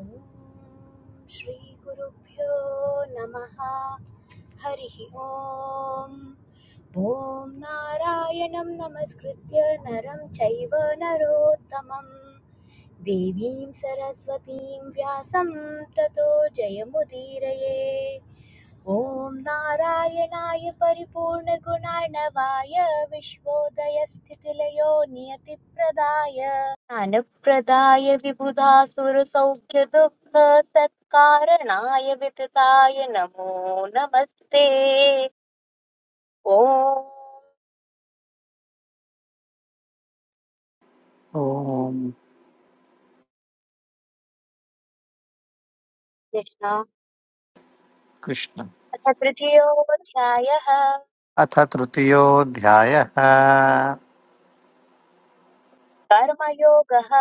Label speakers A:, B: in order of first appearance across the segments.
A: ॐ श्रीगुरुभ्यो नमः हरिः ॐ ॐ नारायणं नमस्कृत्य नरं चैव नरोत्तमं देवीं सरस्वतीं व्यासं ततो जयमुदीरये ॐ नारायणाय परिपूर्णगुणार्णवाय विश्वोदयस्थितिलयो नियतिप्रदाय ज्ञानप्रदाय विबुधा सुरसौख्यदुःखसत्कारणाय वितताय नमो नमस्ते ॐ
B: ॐ
A: कृष्ण
B: कृष्ण
A: अथ तृतीयोऽध्यायः
B: अथ तृतीयोऽध्यायः
A: कर्मयोगः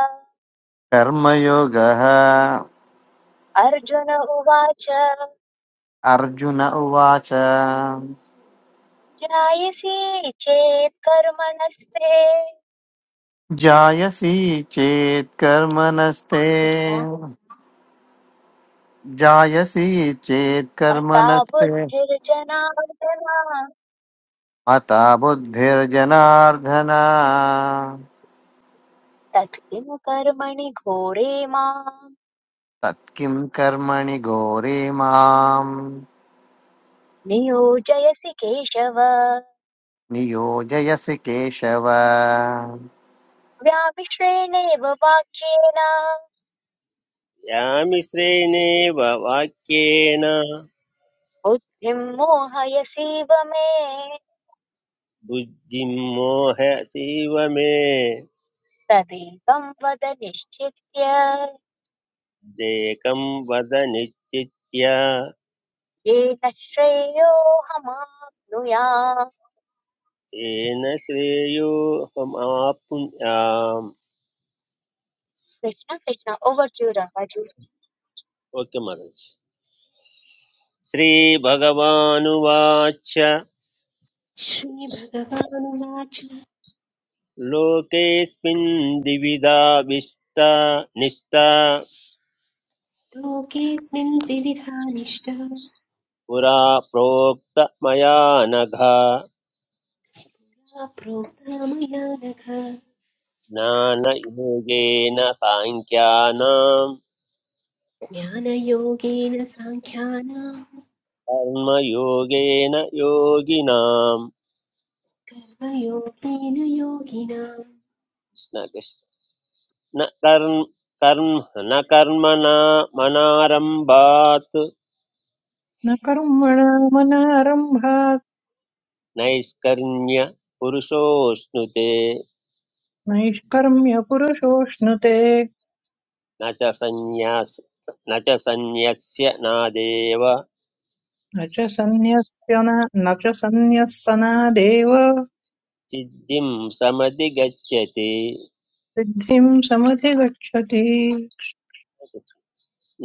B: कर्मयोगः
A: अर्जुन उवाच
B: अर्जुन उवाच
A: ज्ञायसि चेत् कर्मणस्ते
B: जायसी चेत् कर्मणस्ते
A: कृष्ण
B: जायसी चेत्
A: मता
B: कर्मणस्ते
A: बुद्धिर्जनार्दना
B: मता बुद्धिर्जनार्दन
A: तत्किं कर्मणि घोरे माम्
B: तत्किं कर्मणि घोरे माम्
A: नियोजयसि केशव
B: नियोजयसि केशव
A: व्यामिश्रेणेव वाक्येन
C: यामि श्रेणेव वाक्येन
A: बुद्धिं मोहयसीव मे
C: बुद्धिं मोहसीव मे
A: तदेकं वद निश्चित्य
C: देकं वद निश्चित्य
A: येन श्रेयोऽहमाप्नुयाम्
C: येन श्रेयोहमाप्नुयाम्
A: कृष्ण कृष्ण ओवर टू रामाजी
C: ओके मदर्स् श्रीभगवानुवाच
D: श्रीभगवानुवाच
C: लोकेऽस्मिन् द्विविधा विष्टा निष्ठा
D: लोकेऽस्मिन् द्विविधा निष्ठा या
C: पुरा प्रोक्त मया नघ
D: प्रोक्ता मया नघ
C: ज्ञानयोगेन साङ्ख्यानाम्
D: ज्ञानयोगेन साङ्ख्यानाम्
C: कर्मयोगेन योगिनां
D: कर्मयोगेन योगिनाम्
C: न कृष्ण- न कर्म कर्म न कर्मणा मनारम्भात्
E: न कर्मणामनारम्भात्
C: नैष्कर्ण्य पुरुषोऽश्नुते
E: नैष्कर्म्य पुरुषोऽश्नुते
C: न च संन्यास न च संन्यस्य नादेव
E: न च सन्न्यस्य न न च सन्न्यस्सनादेव
C: सिद्धिं समधिगच्छति
E: सिद्धिं समुधिगच्छति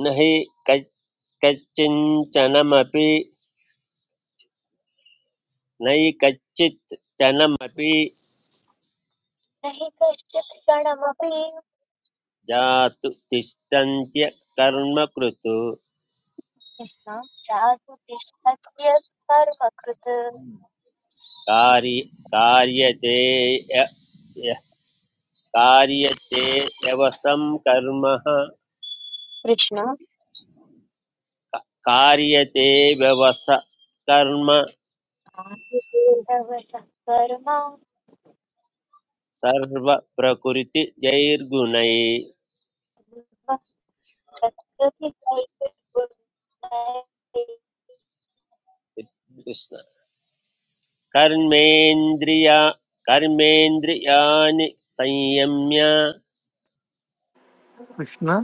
C: न हि कच्- कच्चिञ्चनमपि नहि कच्चित् चनमपि
A: नहि कश्चित् क्षणमपि
C: जातु तिष्ठन्त्य कर्म कृत्
A: कृष्ण चातु तिष्ठत्य कर्म कृत
C: कार्य कार्यते य- य- कार्यते व्यवसं कर्म
A: कृष्ण
C: कार्यते व्यवस कर्म
A: आयुर्भवतः कर्मा
C: सर्वप्रकृतिजैर्गुणै कृष्ण कर्मेन्द्रिया कर्मेन्द्रियाणि संयम्य
B: कृष्ण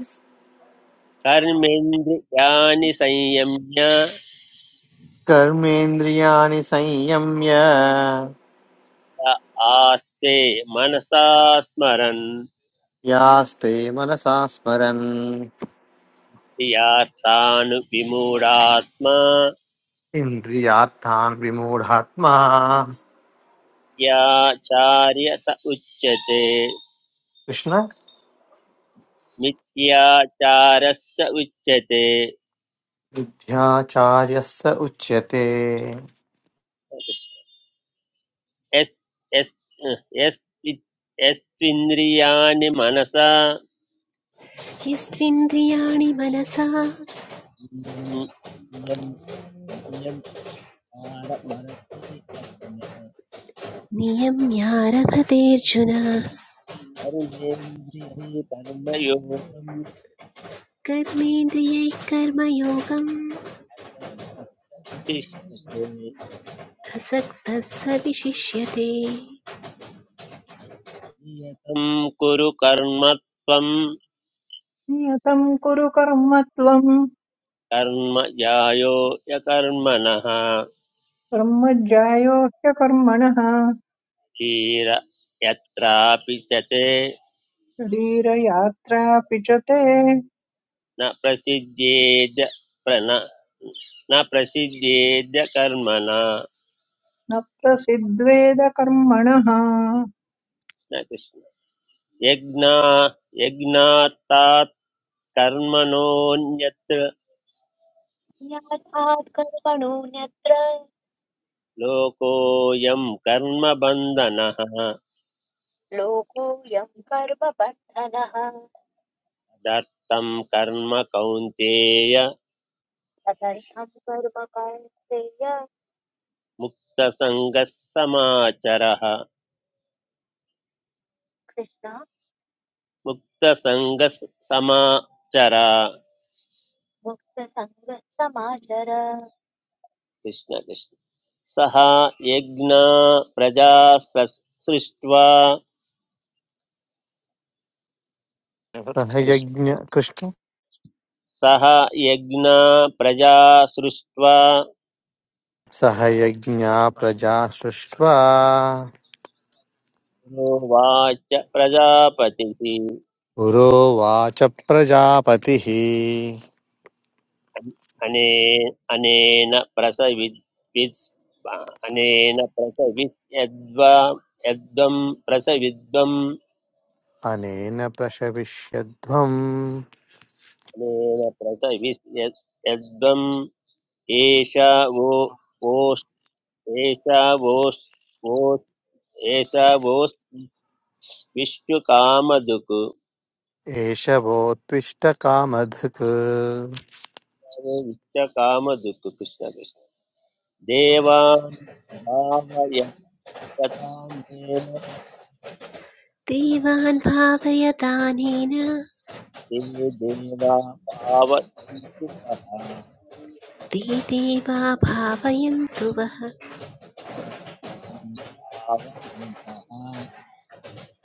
C: कर्मेन्द्रियाणि संयम्य
B: कर्मेन्द्रियाणि संयम्य
C: आस्ते मनसा स्मरन्
B: यास्ते मनसा स्मरन्
C: प्रियार्थानुविमूढात्मा
B: इन्द्रियार्थान् विमूढात्मा
C: मिथ्याचार्य स उच्यते
B: कृष्ण
C: मिथ्याचारस्य उच्यते
B: विद्याचार्यः स उच्यते
C: यस् यस् यस् यस्त्विन्द्रियाणि मनसा
D: यस्त्विन्द्रियाणि मनसा
C: इयम् म्, इयम् इयम् आडमरते अधुना
D: नियम्यारभतेऽर्जुन
C: अरुणेन्द्रिये कर्मयोगं
D: कर्मेन्द्रियैः कर्मयोगम्
C: तिष्ठते तच्चते
D: असक्तः स विशिष्यते
C: नियतं कुरु कर्म त्वं
E: नियतं कुरु कर्म त्वं
C: कर्म यायो यकर्मणः
E: कर्मज्यायोश्च कर्मणः
C: हीर यत्रापि च ते
E: शरीरयात्रापि च ते
C: न प्रसिद्ध्येद्य प्रण न प्रसिद्ध्येद्य कर्मणा
E: न प्रसिद्ध्वेद कर्मणः
C: न कृष्ण यज्ञा यज्ञात्तात् कर्मणोऽन्यत्र
A: ज्ञातात् कर्मणोऽन्यत्र
C: लोकोऽयं कर्मबन्धनः
A: लोकोऽयं कर्मबन्धनः
C: तदर्थं कर्म कौन्तेय
A: तदर्थं कर्म कौन्तेय
C: मुक्तसङ्गः समाचरः
A: कृष्ण
C: मुक्तसङ्गः समाचर
A: मुक्तसङ्गसमाचर
C: कृष्ण कृष्ण सः यज्ञा प्रजा सृष्ट्वा
B: सह
C: कृष्ण
B: यज्ञ कृष्ण
C: सः यज्ञा प्रजा सृष्ट्वा
B: सह यज्ञा प्रजा सृष्ट्वा
C: उवाच प्रजापतिः
B: पुरोवाच प्रजापतिः
C: अनेन अनेन प्रसवि विद्- अनेन प्रसवि यद्वं प्रसविद्वम्
B: अनेन प्रशविष्यध्वम्
C: अनेन प्रसवि एषा वो ओस् एषा वोस् वो एष वो विश्वकामधुक्
B: एष वोत्विष्टकामधक्
C: विश्वकामधुक् कृष्ण कृष्ण देवान् भावयत्यतामेन
D: देवान् भावयतानेन
C: ते देवा भावयन्तु महा
D: ते देवा भावयन्तु वः
C: परस्परं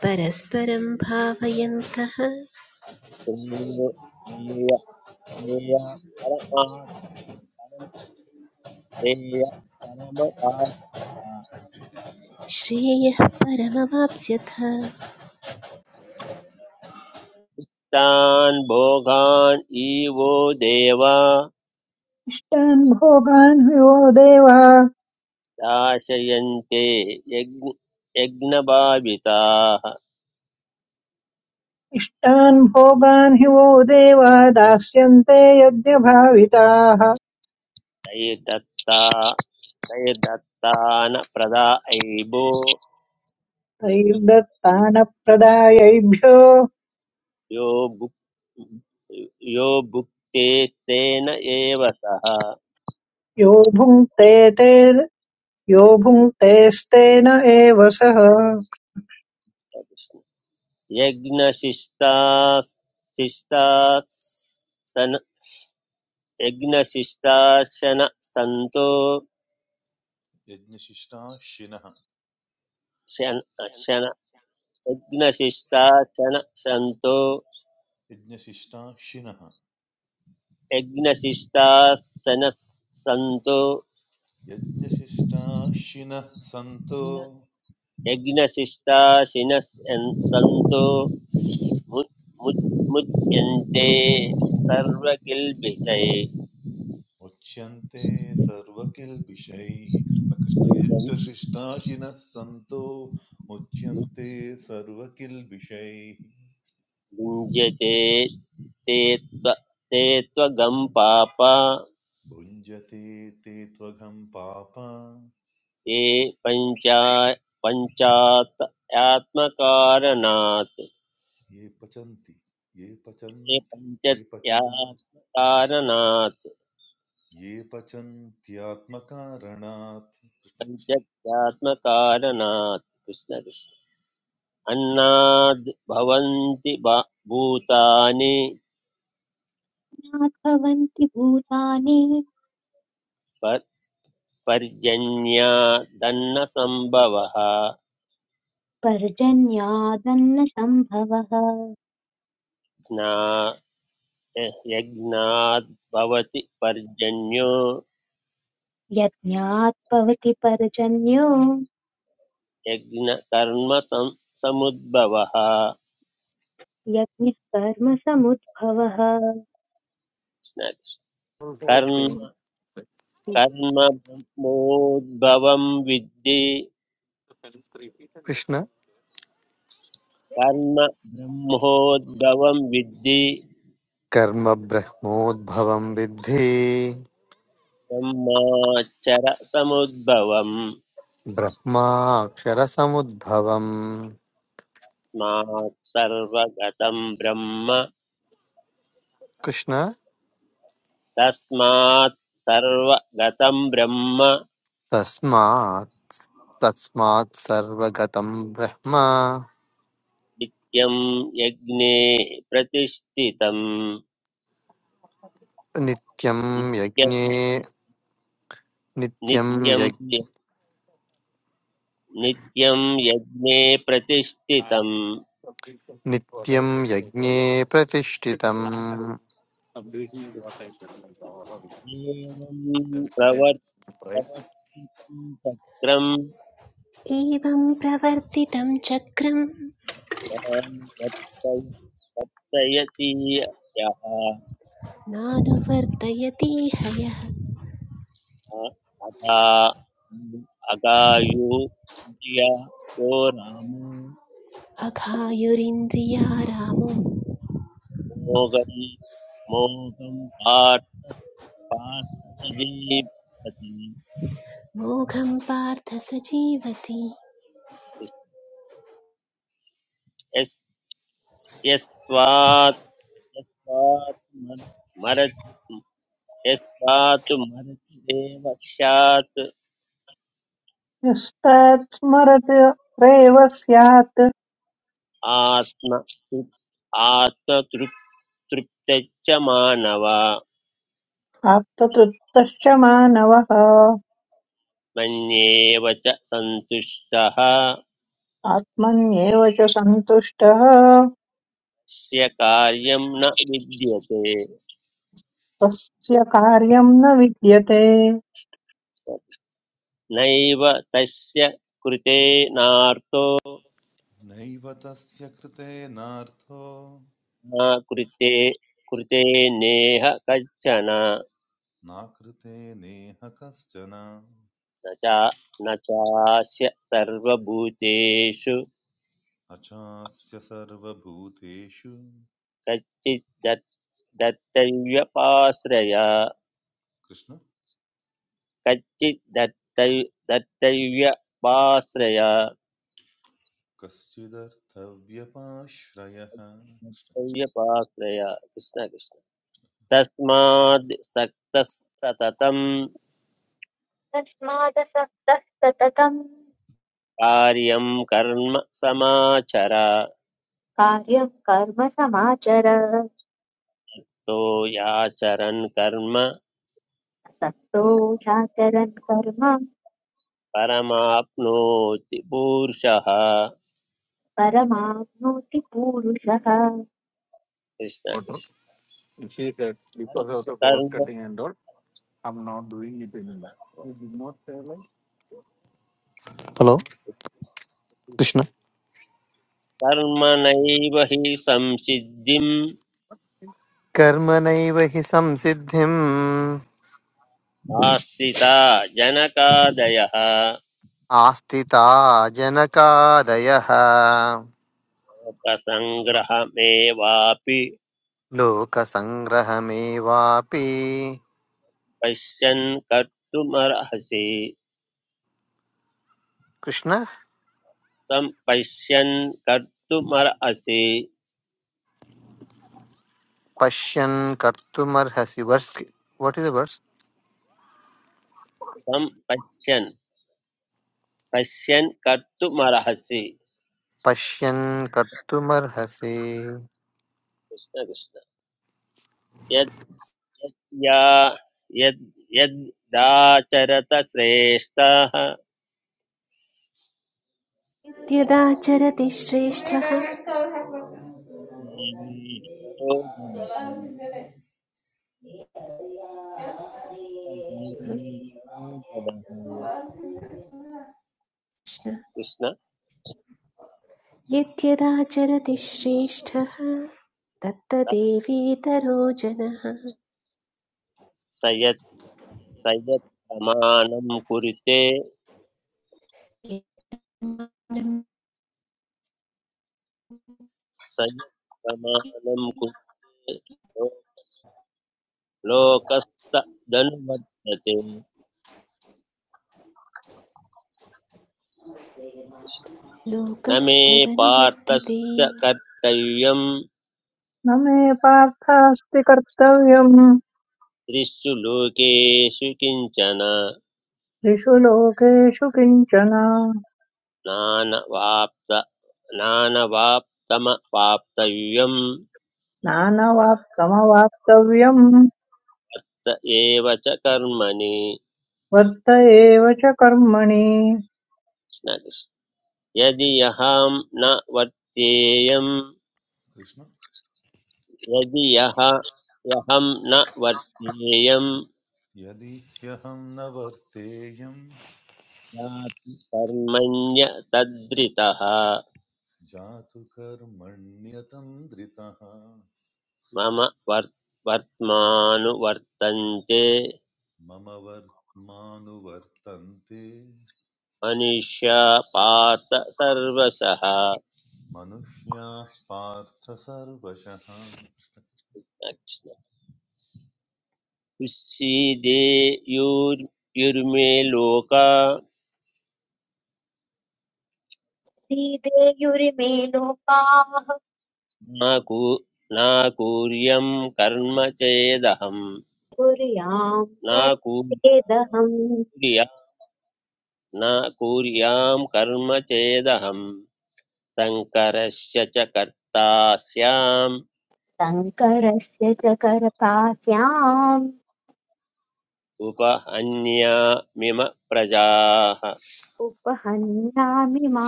D: परस्परं भावयन्तः
C: तदेव नेय नेयात्मा तेय
D: श्रेयः परमवाप्स्यथ
C: तान् भोगान् इवो देवा
E: इष्टान् भोगान् विवो देव
C: दाशयन्ते यज्ञ यज्ञभाविताः
E: इष्टान् भोगान् हि वो देवा दास्यन्ते यज्ञभाविताः
C: तैर्दत्ता तैर्दत्तान प्रदायैभो
E: तैर्दत्तानप्रदायैभ्यो
C: यो भुक् यो भुक्तेस्तेन एव सः
E: यो भुङ्क्ते ते यो भुङ्क्तेस्तेन एव सः
C: यज्ञशिष्टाशिष्टासन यज्ञशिष्टाशन सन्तो
F: यज्ञशिष्टा शिनः
C: शन शन यज्ञशिष्टाशन सन्तो
F: यज्ञशिष्टा शिनः
C: यज्ञशिष्टासन सन्तो
F: यज्ञशिष्टा शिनः सन्तो
C: यज्ञशिष्टाशिन सन्तो मु- मु- मुच्यन्ते सर्वकिल्बिषै
F: मुच्यन्ते सर्वकिल्बिषैः कृष्णकृष्ण यज्ञशिष्टा शिनः सन्तो मुच्यन्ते सर्वकिल्बिषैः
C: युञ्जते ते त्व ते त्वगं पाप ते
F: भुञ्जते ते त्वघं पापा
C: पञ्चा पञ्चात्मकारणात् ते
F: ये पचन्ति ये पचन्ति ये पचन्
C: पञ्चत्यात्मकारणात्
F: ये पचन्त्यात्मकारणात् कृष्ण कृष्ण
C: पञ्चत्यात्मकारणात् कृष्ण कृष्ण अन्नाद् भवन्ति बा- भूतानि
A: न भवन्ति भूतानि
C: पर पर्जन्यादन्न सम्भवः
A: पर्जन्यादन्न सम्भवः
C: ज्ञा यज्ञाद् भवति पर्जन्यो
A: यज्ञात् भवति पर्जन्यो
C: यज्ञकर्म सम्- समुद्भवः
A: यज्ञः कर्मसमुद्भवः
C: कर्म कर्म ब्रह्मोद्भवं विद्धि
B: कृष्ण
C: कर्म ब्रह्मोद्भवं विद्धि
B: कर्म ब्रह्मोद्भवं विद्धि
C: ब्रह्माचर समुद्भवम्
B: ब्रह्माक्षरसमुद्भवम्
C: तस्मात् सर्वगतं ब्रह्म
B: कृष्ण
C: तस्मात् सर्वगतं ब्रह्म
B: तस्मात् तस्मात् सर्वगतं ब्रह्म
C: नित्यं यज्ञे प्रतिष्ठितं
B: नित्यं
C: नित्यं
B: यज्ञे नित्यं
C: नित्यं
B: यज्
C: नित्यं यज्ञे प्रतिष्ठितं
B: नित्यं यज्ञे प्रतिष्ठितम्
C: एवं प्रवर्त प्रवर्तितं चक्रं
D: एवं प्रवर्तितं चक्रं
C: तान् वर्तयति यः
D: नानुवर्तयतीह यः
C: अगा अगायु यो रामो
D: अघायुरिन्द्रिया रामो
C: मोगं मोगं पार्थ पार्थजीवति
D: मोघं पार्थ स जीवति
C: यस्त्वात्मरति मरतिरेव स्यात्
E: यस्तात् स्मरत् रेव स्यात्
C: आत्म आत्मतृप्तश्च मानव
E: आप्ततृप्तश्च मानवः
C: मन्येव च सन्तुष्टः
E: आत्मन्येव च सन्तुष्टः
C: तस्य कार्यं न विद्यते
E: तस्य कार्यम् न विद्यते न
C: नैव तस्य कृते नार्तो
F: नैव तस्य कृतेनार्थो
C: न कृते कृते नेह कश्चन
F: नाकृते नेह कश्चन
C: न च न चास्य सर्वभूतेषु
F: अचास्य सर्वभूतेषु
C: कच्चित् दत् दत्तव्यपाश्रया
F: कृष्ण
C: कच्चित् दत्तव्य दत्तव्यपाश्रया
F: कश्चिदर्थव्यपाश्रयः कृष्ण
C: कृष्ण कृष्ण तस्माद् सक्तः सततं
A: तस्मादसक्तः सततम्
C: कार्यं कर्म समाचर
A: कार्यं कर्म समाचर
C: तो याचरन् कर्म
A: असक्तो ह्याचरन् कर्म
C: परमाप्नोति पूरुषः कृष्ण
A: परमाप्नोति पूरुषः
C: कृष्ण कर्म
B: हलो कृष्ण
C: कर्मणैव हि संसिद्धिं
B: कर्मणैव हि संसिद्धिम्
C: आस्थिता जनकादयः
B: आस्थिता जनकादयः
C: प्रसङ्ग्रहमेवापि
B: लोकसङ्ग्रहमेवापि
C: पश्यन् कर्तुमर्हसि
B: कृष्ण
C: त्वं पश्यन् कर्तुमर्हसि
B: पश्यन् कर्तुमर्हसि वर्ष वट् इस् वर्ष
C: त्वं पश्यन् पश्यन् कर्तुमर्हसि
B: पश्यन् कर्तुमर्हसि
C: कृष्ण कृष्ण यद्या यद् यद्दाचरत श्रेष्ठः
D: यद्यदाचरति श्रेष्ठः
C: जीवेतरो जनः सजीवेतरो जनः
D: कृष्ण यद्यदाचरति श्रेष्ठः
C: कृष्ण
D: तत्तदेवेतरो जनः
C: स यत् प्रमाणं कुरुते स यत् प्रमाणं कुरुते लो- लोकस्तदनुवर्तते न मे
D: लोकस्तदनुवर्तते
C: पार्थस्य कर्तव्यं
E: मे पार्थास्ति कर्तव्यम्
C: त्रिषु लोकेषु किञ्चन
E: त्रिषु लोकेषु किञ्चन
C: नानवाप्त नानवाप्तमवाप्तव्यं
E: नानवाप्तमवाप्तव्यम्
C: त एव च कर्मणि
E: वर्त एव च कर्मणि
C: कृष्ण कृष्ण। यदि अहं न
F: कृष्ण
C: यदि यः ह्यहं न वर्तेयं
F: यदि ह्यहं न वर्तेयं
C: याति कर्मण्य तद्रितः
F: जातु कर्मण्यतन्द्रितः
C: मम वर् वर्त्मानुवर्तन्ते
F: मम वर्त्मानुवर्तन्ते
C: मनुष्या पार्थ सर्वशः
F: मनुष्याः पार्थ सर्वशः
C: युर्मे लोका
A: श्रीदेयुरिमे लोकाः
C: न कू न कूर्यं कर्म चेदहं
A: कुर्याम्
C: न कूर्या
A: कर्मेदहम्
C: न कूर्यां कर्म चेदहम् शङ्करस्य च कर्तास्याम्
A: शङ्करस्य च कर्तास्याम्
C: उपहन्यामिम प्रजाः
A: उपहन्यामि मा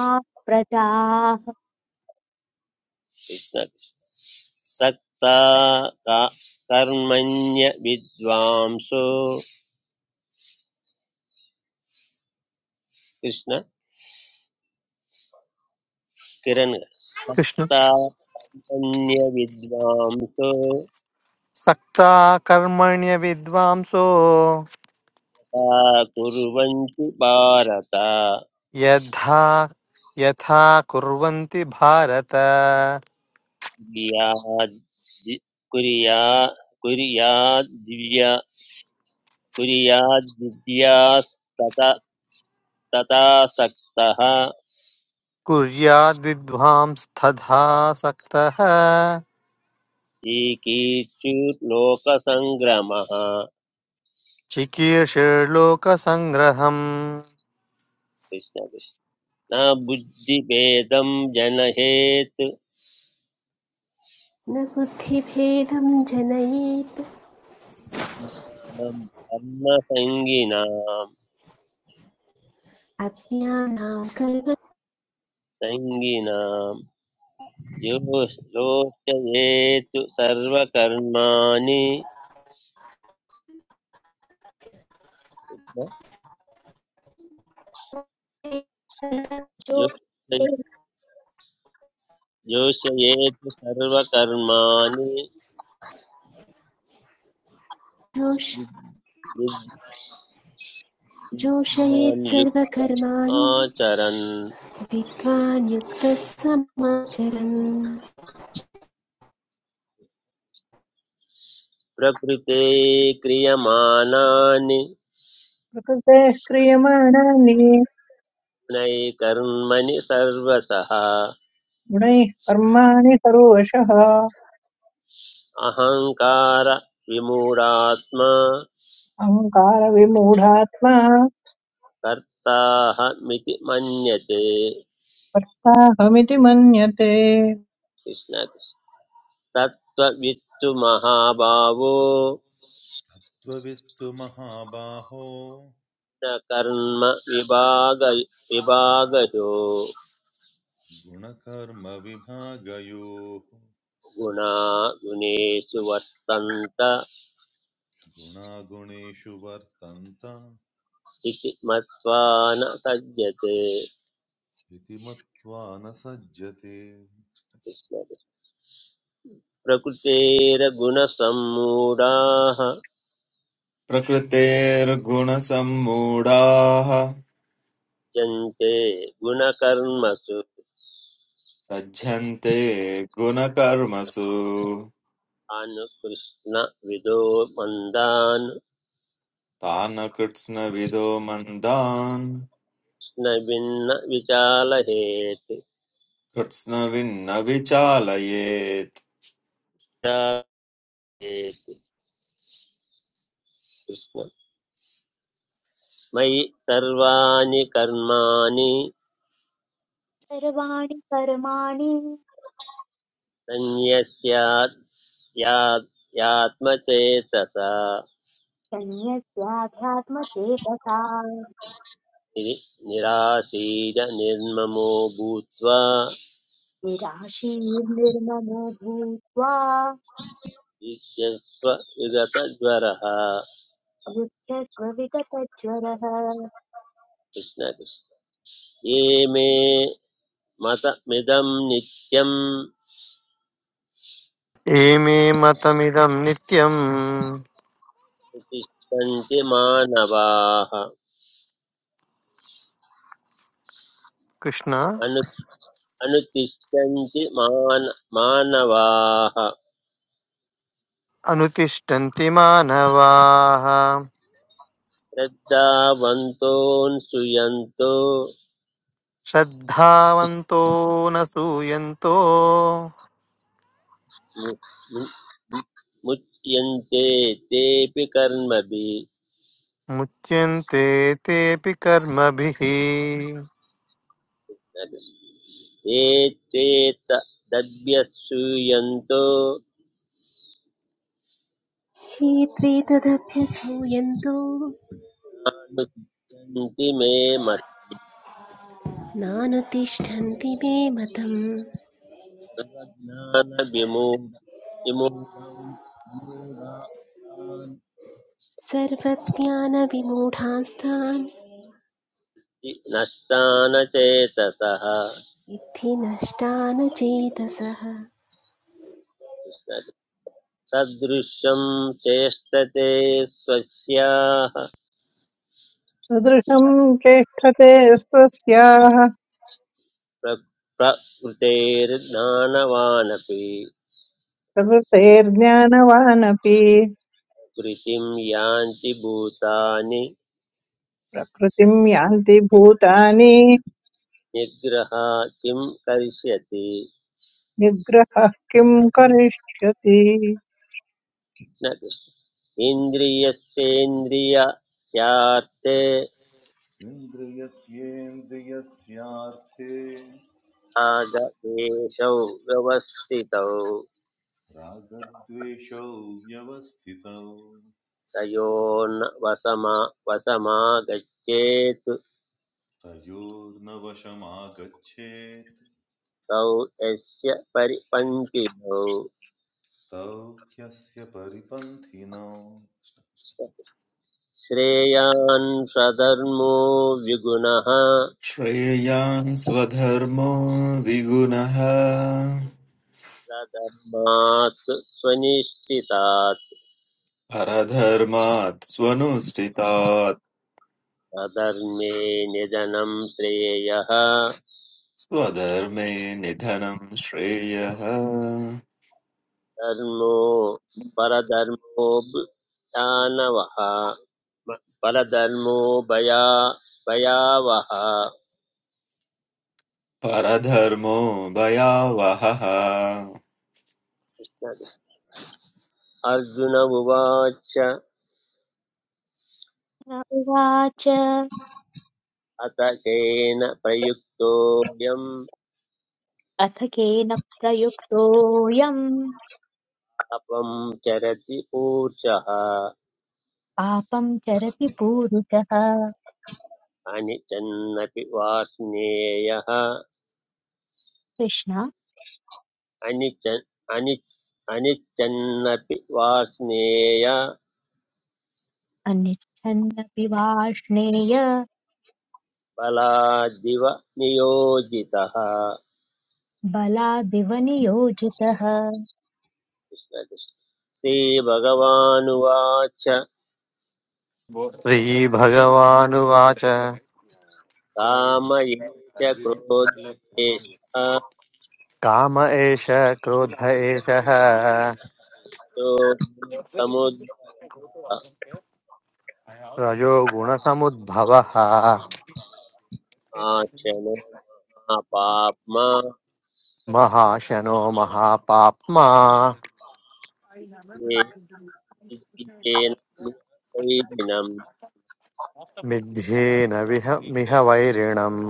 A: प्रजाः
C: सक्ता का- कर्मण्य विद्वांसो कृष्ण किरण
B: कृष्ण
C: सक्ता कर्मण्य विद्वांसो
B: सक्ता कर्मण्य विद्वांसो
C: सा कुर्वन्ति भारत
B: यथा यथा कुर्वन्ति भारत
C: कुर्याद्दि- कुर्या कुर्याद्दिव्या कुर्याद्विद्यास्तथा तथा सक्तः
B: कुर्याद्विद्वांस्तथा सक्तः
C: ईकीचुर्लोकसङ्ग्रमः कृष्ण
B: चिकीर्षेर्लोकसङ्ग्रहम्
C: कृष्ण न बुद्धिभेदं जनहेत्
D: न बुद्धिभेदं जनयेत्
C: ज्ञानं कर्मसङ्गिनां
D: अज्ञानां कर्मजोष
C: सङ्गिनां यो योचयेत् सर्वकर्माणि यो-
A: जो ये
C: योषयेत् सर्वकर्माणि विद्- विद्वान्
D: जोषयेत्
C: युक्त
D: सर्वकर्माणि
C: आचरन्
D: विद्वान् युक्तः समाचरन्
C: प्रकृते क्रियमाणानि
E: प्रकृतेः क्रियमाणानि
C: नैकर्मणि सर्वसः
E: गुणैः कर्माणि सर्वशः
C: अहङ्कार विमूढात्मा
E: अहङ्कारविमूढात्मा
C: कर्ताहमिति मन्यते
E: साहमिति मन्यते
C: कृष्ण तत्त्ववित्तु महाभावो
F: तत्त्ववित्तु महाबाहो
C: न कर्म विभाग विभागयो
F: गुणकर्मविभागयोः
C: गुणा गुणेषु वर्तन्त
F: गुणागुणेषु वर्तन्त
C: इति मत्वा न सज्जते
F: इति मत्वा न सज्जते
C: कृष्ण प्रकृतेरगुणसम्मूढाः
G: प्रकृतेर्गुणसम्मूढाः
C: जन्ते गुणकर्मसु
G: सज्जन्ते गुणकर्मसु
C: अनुकृष्णविदो
G: तान् कृत्स्नविदो मन्दान्
C: मन्दानुष्णभिन्नविचालयेत्
G: कृत्स्नविन्न विचालयेत्
C: चालयेत् कृष्ण मयि सर्वाणि कर्माणि
A: सर्वाणि कर्माणि
C: सन्न्यस्यात् यात् यात्मचेतसा
A: संयत्याध्यात्मचेतसा
C: नि- निराशीर निर्ममो भूत्वा
A: निराशीर्निर्ममो भूत्वा
C: युज्यस्व युगतज्वरः कृष्ण
A: अबुध्यस्व विगतज्वरः
C: कृष्ण ये मे मतमिदं नित्यं
B: एमे मतमिदं नित्यम्
C: तिष्ठन्ति मानवाः
B: कृष्ण
C: अनु अनुतिष्ठन्ति मान मानवाः
B: अनुतिष्ठन्ति मानवाः
C: श्रद्धावन्तोऽनुसूयन्तो
B: श्रद्धावन्तो न सूयन्तो
C: मु- मु- मुच्यन्ते तेऽपि कर्मभिः
B: मुच्यन्ते तेऽपि कर्मभिः
C: ते त्वेतदभ्यसूयन्तो
D: ये त्वेतदभ्यसूयन्तो
C: अनुतिष्ठन्ति मे मत
D: नानुतिष्ठन्ति मे मतम्
C: सर्वज्ञानविमूढं विमूढान्ति
D: सर्वज्ञानविमूढांस्तान्
C: नष्टान चेतसः
D: इद्धि नष्टान चेतसः
C: सदृशं चेष्टते स्वस्याः
E: सदृशम् चेष्टते स्वस्याः
C: प्र- प्रकृतेर्ज्ञानवानपि
E: प्रकृतेर्ज्ञानवानपि
C: कृतिं यान्ति भूतानि
E: प्रकृतिम् यान्ति भूतानि
C: निग्रह किं करिष्यति
E: निग्रहः किम् करिष्यति
C: न कृष्ण- इन्द्रियस्येन्द्रियस्यार्थे
F: इन्द्रियस्येन्द्रियस्यार्थे
C: नागदेशौ व्यवस्थितौ
F: रागद्वेषौ व्यवस्थितौ
C: तयोर्न वसमा वसमागच्छेत्
F: तयोर्न वशमागच्छेत्
C: तौ यस्य परिपङ्क्तिनौ
F: तौ ह्यस्य परिपन्थिनौ
C: श्रेयान् स्वधर्मो विगुणः
G: श्रेयान् स्वधर्मो विगुणः
C: स्वधर्मात् स्वनिष्ठितात्
G: परधर्मात् स्वनुष्ठितात्
C: स्वधर्मे निधनं श्रेयः
G: स्वधर्मे निधनं श्रेयः
C: धर्मों परा धर्मोब चानवा परा धर्मों बया बया वा
G: परधर्मो भयावहः
C: अर्जुन बोच
A: न उवाच
C: अताकेन प्रयुक्तो यम
A: अथ केन प्रयुक्तोऽयम्
C: अपम चरति पुरसा
A: पापं चरति पूरुषः
C: अनिचन नपिवार्ष्य यहा
A: कृष्ण
C: अनिचन अनि अनिचन नपिवार्ष्य या
A: अनिच्छन्नपि वाष्णेय
C: पलादिवा नियोजिता
A: बलादिव नियोजितः
C: कृष्ण कृष्ण। श्रीभगवानुवाच
B: श्रीभगवानुवाच
C: कामये च
B: काम एष क्रोध एषः
C: क्रोधेशमुद्राचनो
B: रजोगुणसमुद्भवः
C: मा पाप्मा
B: महाशनो महापाप्मा
C: ये विद्येन निरपैहिनं।
B: मिथ्येन विह मिह वैरिणम्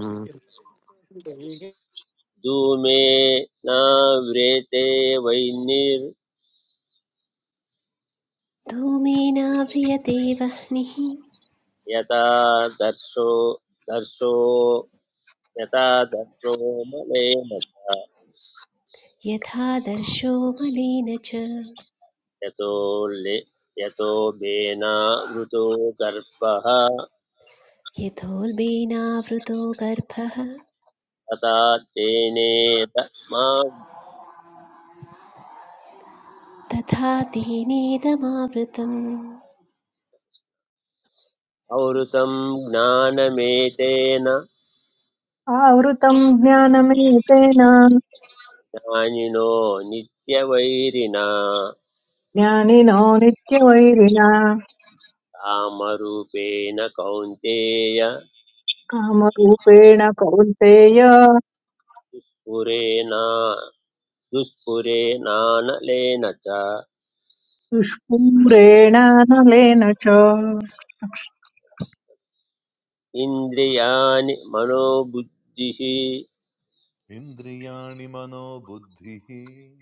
C: धूमे नाव्रेते वह्निर्यथा
D: धूमेनाव्रियते वह्निः
C: दर्शो दर्शो यथा दर्शो मलेन च
D: यथादर्शो मलिन च
C: यतो ले यतो बेना बेनावृतो गर्भः
D: यथोल्बेनावृतो गर्भः
C: तथा तेनेत मा
D: तथा तेनेदमावृतम्
C: आवृतं ज्ञानमेतेन
E: आवृतम् ज्ञानमेतेन
C: ज्ञानिनो नित्यवैरिणा
E: ज्ञानिनो नित्यवैरिणा
C: कामरूपेण कौन्तेय
E: कामरूपेण कौन्तेय
C: पुरेणा दुष्पुरेणानलेन च
E: दुष्पूरेण नलेन च
C: इन्द्रियाणि मनोबुद्धिः
F: इन्द्रियाणि मनो बुद्धिः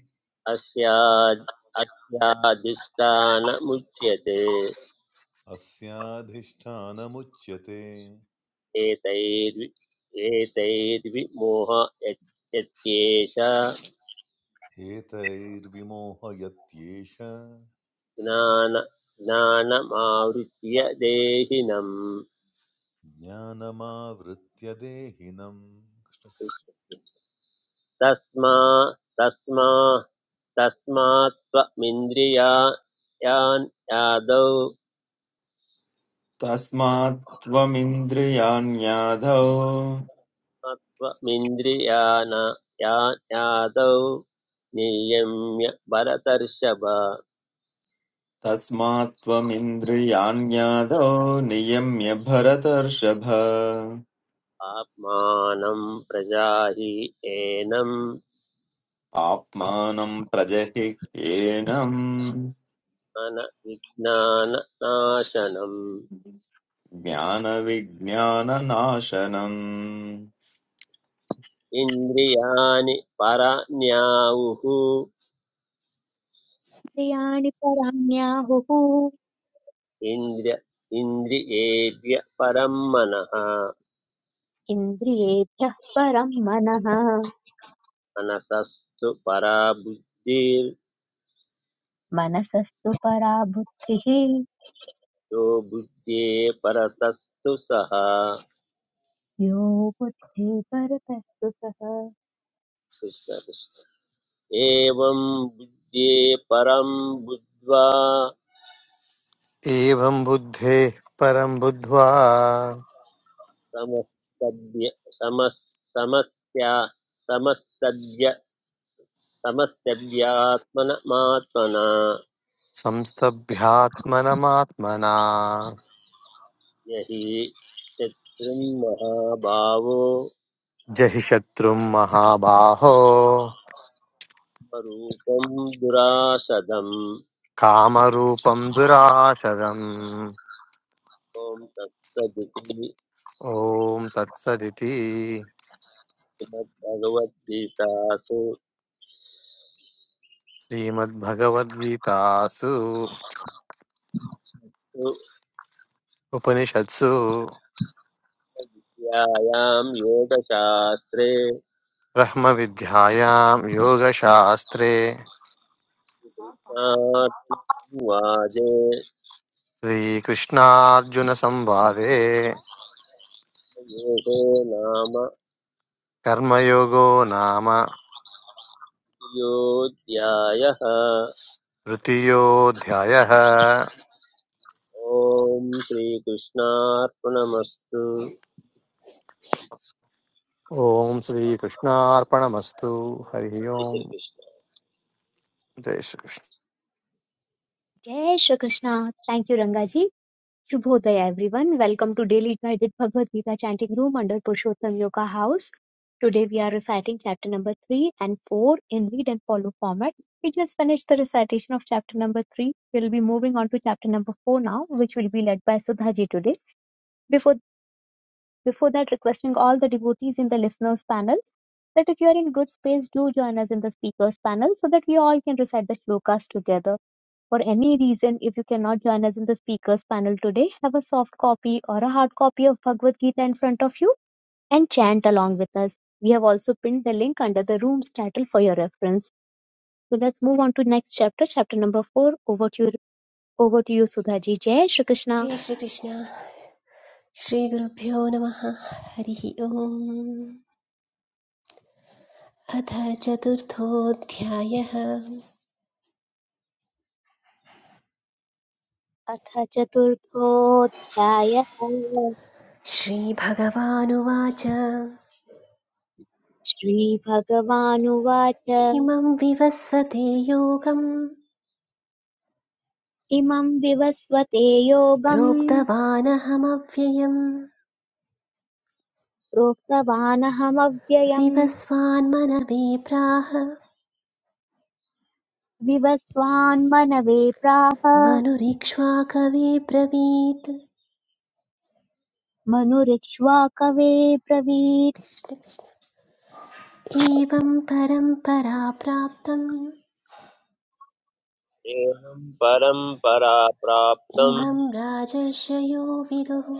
C: अस्याद् अस्याधिष्ठानमुच्यते
F: अस्याधिष्ठानमुच्यते
C: एतैर्वि एतैर्विमोह यत्- यत्येष
F: एतैर्विमोहयत्येष
C: ज्ञान ज्ञानमावृत्य देहिनम्
F: ज्ञानमावृत्य देहिनम् कृष्ण कृष्ण।
C: तस्मा तस्मा तस्मात् त्वमिन्द्रिया यान् यादौ
G: तस्मात् त्वमिन्द्रियाण्याधौ
C: त्वमिन्द्रियान यान् यादौ नियम्य भरतर्षभ
G: तस्मात् त्वमिन्द्रियाण्याधौ नियम्य भरतर्षभ
C: आत्मानं प्रजाहि एनम्
G: आत्मानं प्रजहि येनम्
C: ज्ञान विज्ञाननाशनम्
G: ज्ञानविज्ञाननाशनम्
C: इन्द्रियाणि पराण्याहुः
A: इन्द्रियाणि पराण्याहुः
C: इन्द्र इन्द्रियेभ्य परं मनः
A: इन्द्रियेभ्यः परं मनः
C: मनसस्तु परा बुद्धिर्यो
A: मनसस्तु परा बुद्धिः
C: बुद्धे परतस्तु सः
A: यो बुद्धि परतस्तु सः
C: कृष्ण कृष्ण एवं बुद्धे परं बुद्ध्वा
B: एवं बुद्धेः परं बुद्ध्वा
C: समस्तभ्य समस् समस्या समस्तभ्य समस्तभ्यात्मनमात्मना
B: संस्तभ्यात्मनमात्मना
C: यहि शत्रुन्महाभावो
B: जहि शत्रुं महाबाहो
C: स्वरूपं दुरासदम्
B: कामरूपं दुराशरम्
C: ॐ तत्सदिति
B: ॐ तत्सदिति
C: श्रीमद्भगवद्गीतासु
B: श्रीमद्भगवद्गीतासु उपनिषत्सु
C: व्यायां योगशास्त्रे
B: ब्रह्मविद्यायां योगशास्त्रे
C: कृष्णार्जुनवादे
B: श्रीकृष्णार्जुनसंवादे
C: योगो नाम
B: कर्मयोगो नाम
C: योऽध्यायः
B: तृतीयोऽध्यायः
C: ॐ श्रीकृष्णार्पणमस्तु
B: ॐ श्रीकृष्णार्पणमस्तु हरिः
C: जय
B: ओम्
C: श्रीकृष्ण
B: जय Shri
A: Jai Shri Krishna. Thank you, Rangaji. Shubhodaya, everyone. Welcome to Daily Guided Bhagavad Gita Chanting Room under Purushottam Yoga House. Today we are reciting chapter number 3 and 4 in read and follow format. We just finished the recitation of chapter number 3. We'll be moving on to chapter number 4 now, which will be led by Sudha ji today. Before Before that, requesting all the devotees in the listeners panel that if you are in good space, do join us in the speakers panel so that we all can recite the shlokas together. For any reason, if you cannot join us in the speakers panel today, have a soft copy or a hard copy of Bhagavad Gita in front of you and chant along with us. We have also pinned the link under the room's title for your reference. So let's move on to next chapter, chapter number four. Over to you, over to you, Sudhaji. Jai Shri Krishna.
D: जय श्रीकृष्ण श्रीगुरुभ्यो नमः हरिः ओम् अथ चतुर्थोऽध्यायः
A: अथ चतुर्थोऽध्यायः
D: श्रीभगवानुवाच
A: श्रीभगवानुवाच
D: इमं विवस्वते योगं
A: इमं विवस्वते योगम्
D: प्रोक्तवानहमव्ययम्
A: प्रोक्तवानहमव्ययम्
D: विवस्वान्मनवे प्राह
A: विवस्वान्मनवे प्राह
D: मनुरीक्ष्वा कविब्रवीत्
A: मनुरिक्ष्वाकवे ब्रवीत्
D: कृष्ण कृष्ण एवं परम्परा प्राप्तम्
C: एवं परम्परा प्राप्तं
D: इमं राजर्षयो विदुः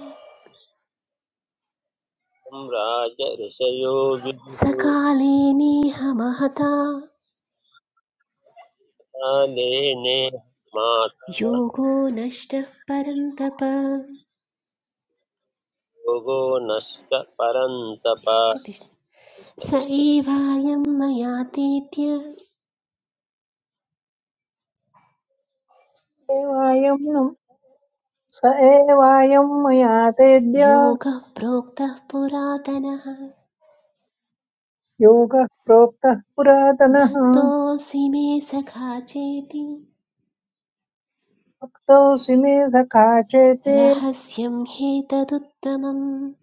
C: राजऋषयो विदुः
D: सकाले नेह महता
C: कालेने माता
D: योगो नष्टः परन्तप
C: योगो नश्च परन्तप
D: कृष्ण कृष्ण स
C: कृष्णकृष्ण
D: एवायं मयातीत्य
E: एवायम् स एवायम् मया तेद्य
D: योगः प्रोक्तः पुरातनः
E: योगः प्रोक्तः पुरातनः
D: भक्तोऽसि मे सखा चेति
E: भक्तोऽसि मे सखा चेति
D: रहस्यं ह्येतदुत्तमम्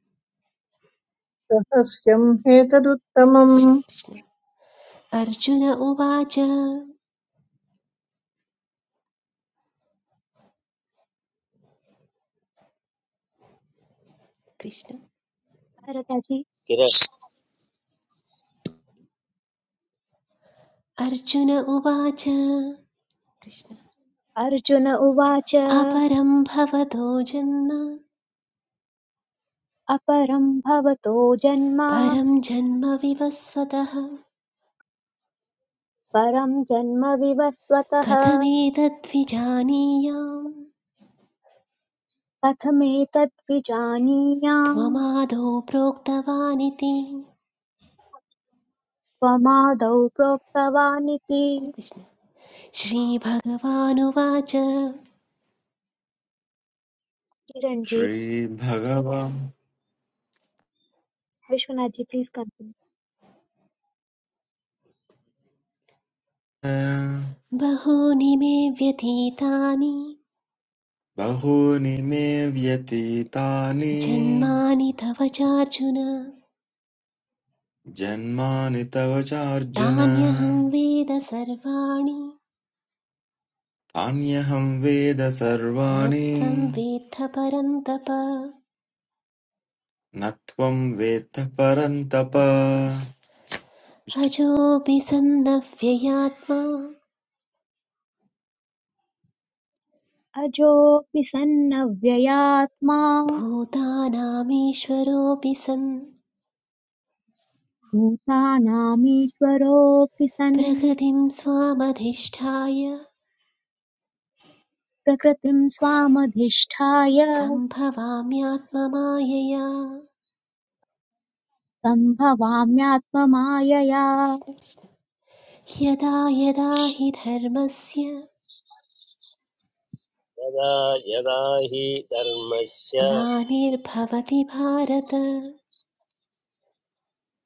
E: रहस्यम् हेतदुत्तमम्
D: कृष्ण अर्जुन उवाच कृष्ण
A: भरतजि
D: अर्जुन उवाच कृष्ण
A: अर्जुन उवाच
D: अपरं भवतो जन्म
A: अपरं भवतो जन्म
D: परं जन्म विवस्वतः
A: परं जन्म विवस्वतः
D: कथमेतद्विजानीयाम्
A: कथमेतद्विजानीयाम्
D: त्वमादौ प्रोक्तवानिति
A: त्वमादौ प्रोक्तवानिति
D: कृष्ण कृष्ण श्रीभगवानुवाच
A: चिरञ्जी
G: श्रीभगवान्
A: विश्वनाथजी प्लीज कंटिन्यू।
D: बहूनि मे व्यतीतानि
G: बहूनि मे व्यतीतानि
D: जन्मानि तव चार्जुन
G: जन्मानि तव चार्जुन
D: तान्यहं वेद सर्वाणि
G: तान्यहं वेद
D: न त्वं
G: सर्वाणि
D: वेत्थ परन्तप
G: न त्वं वेत्थ परन्तप
D: कृष्ण कृष्ण अजोऽपि सन्नव्ययात्मा
A: अजोऽपि सन्नव्ययात्मा
D: भूतानामीश्वरोऽपि सन्
A: भूतानामीश्वरोऽपि सन्
D: प्रकृतिं स्वामधिष्ठाय
A: प्रकृतिं स्वामधिष्ठाय
D: सम्भवाम्यात्ममायया
A: सम्भवाम्यात्ममायया
D: कृष्ण कृष्ण यदा यदा हि धर्मस्य
C: यदा यदा हि धर्मस्य
D: ग्लानिर्भवति भारत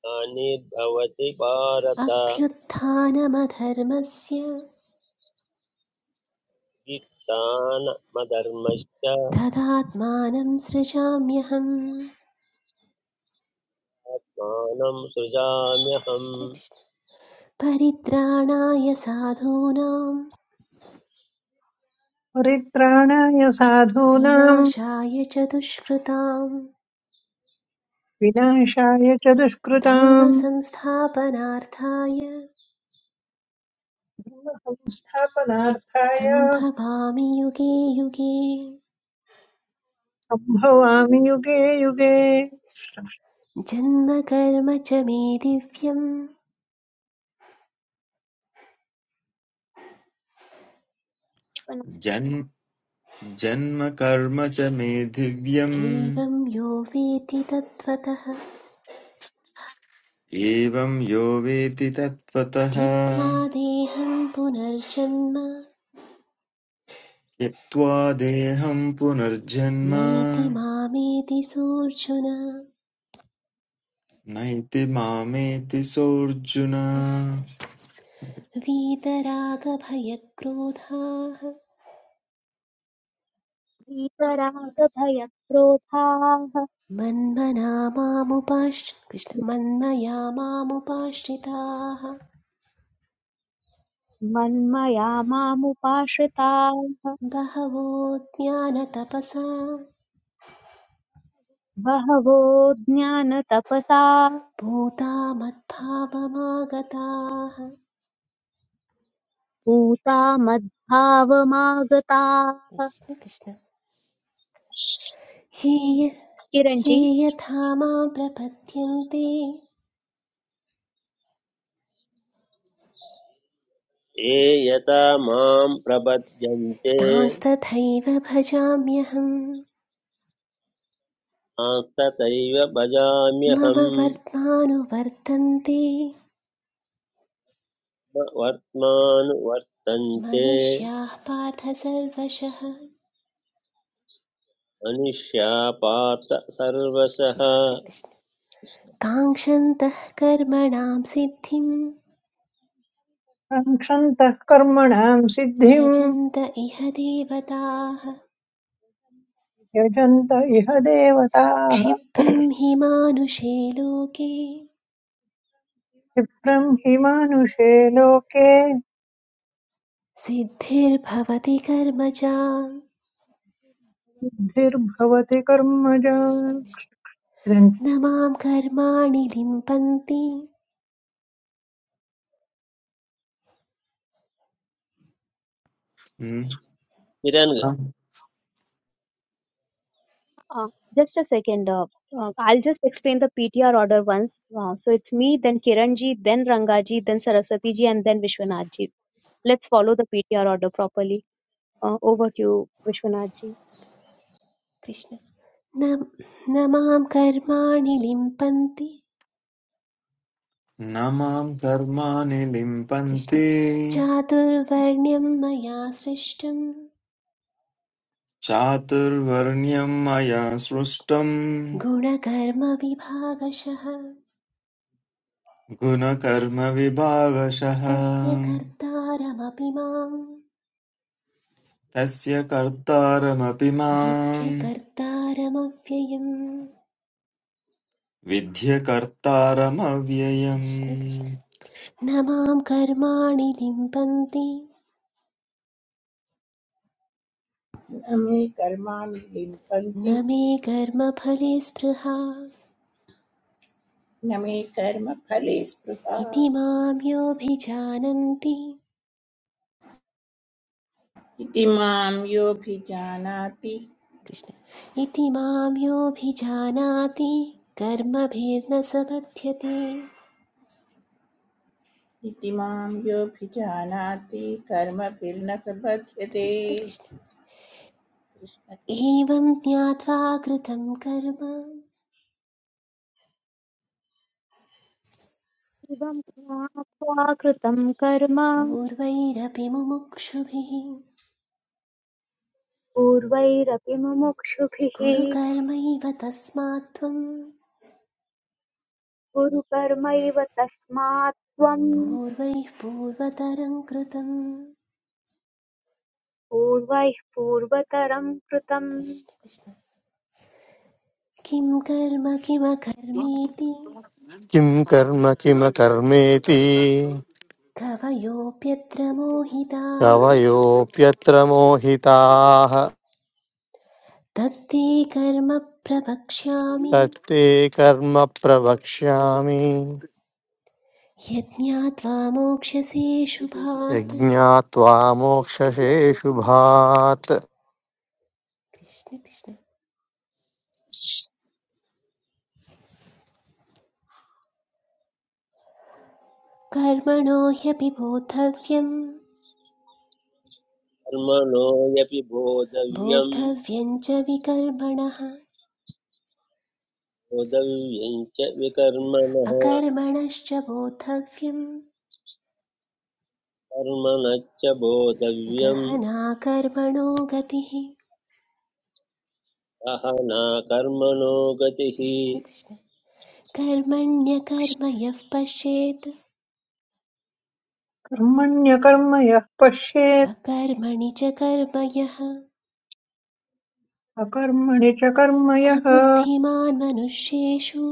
C: हानिर्भवति भारत
D: अभ्युत्थानमधर्मस्य
C: युक्तानमधर्मस्य
D: तदात्मानं सृजाम्यहम्
C: मानं सृजाम्यहम्
D: परित्राणाय साधूनां
E: परित्राणाय साधूनाम्
D: विनाशाय च दुष्कृतां
E: विनाशाय च दुष्कृताम्
D: धर्मसंस्थापनार्थाय
E: संस्थापनार्थाय
D: सम्भवामि युगे युगे
E: सम्भवामि युगे युगे
D: जन्म कर्म च मे दिव्यम्
G: जन्म जन्म कर्म च मे दिव्यम्
D: एवं यो वेति तत्त्वतः
G: एवं यो वेति तत्त्वतः
D: त्यक्त्वा देहं पुनर्जन्म
G: त्यक्त्वा देहं पुनर्जन्म
D: नैति मामेति सोऽर्जुन
G: नैति मामेति सोऽर्जुन
D: कृष्ण कृष्ण वीतरागभयक्रोधाः
A: भीतरागभयक्रोधाः
D: मन्मना मामुपाश्च कृष्ण मन्मया मामुपाश्रिताः
A: मन्मया मामुपाश्रिताः
D: बहवो ज्ञानतपसा
A: बहवो ज्ञानतपसा
D: भूता मद्भावमागताः
A: पूता मद्भावमागताः
D: कृष्ण कृष्ण ये य ये
A: किरञ्जी
D: यथा मां प्रपद्यन्ते
C: ये यथा मां प्रपद्यन्ते
D: तांस्तथैव भजाम्यहम्
C: तांस्तथैव
D: मम
C: भजाम्यहम्
D: वर्त्मानुवर्तन्ते
C: न वर्त्मानुवर्तन्ते
D: मनुष्याः पार्थ सर्वशः
C: मनुष्यापात सर्वसः
D: कृष्ण कृष्ण काङ्क्षन्तः कर्मणां सिद्धिं
E: सङ्क्षन्तः कर्मणां सिद्धिं
D: यजन्त इह देवताः
E: यजन्त इह देवताः
D: क्षिप्रं हि मानुषे लोके
E: क्षिप्रं हि मानुषे लोके
D: सिद्धिर्भवति कर्म च
E: बुद्धिर्भवति कर्मजा
D: कृष्ण कृष्ण
E: इदं
D: न मां कर्माणि लिम्पन्ति
G: न
C: निरङ्ग
A: Uh, just a second. Uh, uh, I'll just explain the PTR order once. Uh, so it's me, then Kiranji, then Rangaji, then Saraswatiji, and then Vishwanathji. Let's follow the PTR order properly. Uh, over to you, Vishwanathji.
D: Krishna न न मां कर्माणि लिम्पन्ति
G: न मां कर्माणि
D: कृष्ण
G: लिम्पन्ति
D: चातुर्वर्ण्यं मया सृष्टं
G: चातुर्वर्ण्यं मया सृष्टं
D: गुणकर्मविभागशः
G: गुणकर्मविभागशः
D: तस्य कर्तारमपि मां
G: तस्य कर्तारमपि माम्
D: विद्यकर्तारमव्ययम्
G: विद्य कर्तारमव्ययम्
D: कृष्ण कृष्ण न मां कर्माणि लिम्पन्ति
H: न मे कर्माणि
D: न
H: लिम्पन्ति
D: मे कर्मफले स्पृहा
H: न मे कर्मफले स्पृहा
D: इति मां योऽभिजानन्ति
H: इति मां योऽभिजानाति
D: कृष्ण इति मां योऽभिजानाति कर्मभिर्न स बध्यते
H: इति मां योऽभिजानाति कर्मभिर्न स बध्यते
D: कृष्ण कृष्ण
H: कृष्ण कृष्ण
D: एवं ज्ञात्वा कृतं कर्म
A: इदं ज्ञात्वा कृतं कर्म
D: पूर्वैरपि मुमुक्षुभिः
A: पूर्वैरपि मुमुक्षुभिः
D: गुरुकर्मैव तस्मात् त्वं
A: कुरु कर्मैव तस्मात् त्वं
D: पूर्वैः पूर्वतरं कृतं
A: पूर्वैः पूर्वतरं कृतं
D: कृष्ण कृष्ण किं कर्म किमकर्मेति
B: किं कर्म किमकर्मेति
D: कवयोऽप्यत्र मोहिताः
B: कवयोऽप्यत्र मोहिताः
D: तत्ते कर्म प्रवक्ष्यामि
B: तत्ते कर्म प्रवक्ष्यामि
D: यज्ञात्वा मोक्ष्यसे शुभात्
B: यज्ञात्वा मोक्षशेषुभात्
D: कृष्ण कृष्ण कर्मणो ह्यपि बोद्धव्यं
C: कर्मणोऽयपि बोधव्यम्
D: बोद्धव्यं च विकर्मणः
C: बोधव्यम् च विकर्मणः
D: अकर्मणश्च बोद्धव्यम्
C: कर्मणश्च बोधव्यम्
D: गहना कर्मणो गतिः
C: सहना कर्मणो गतिः
D: कृष्ण कृष्ण कर्मण्यकर्म यः पश्येत्
E: कर्मण्यकर्म यः पश्येत्
D: अकर्मणि च कर्म यः
E: अकर्मणि च कर्म
D: स
E: यः
D: बुद्धिमान् मनुष्येषु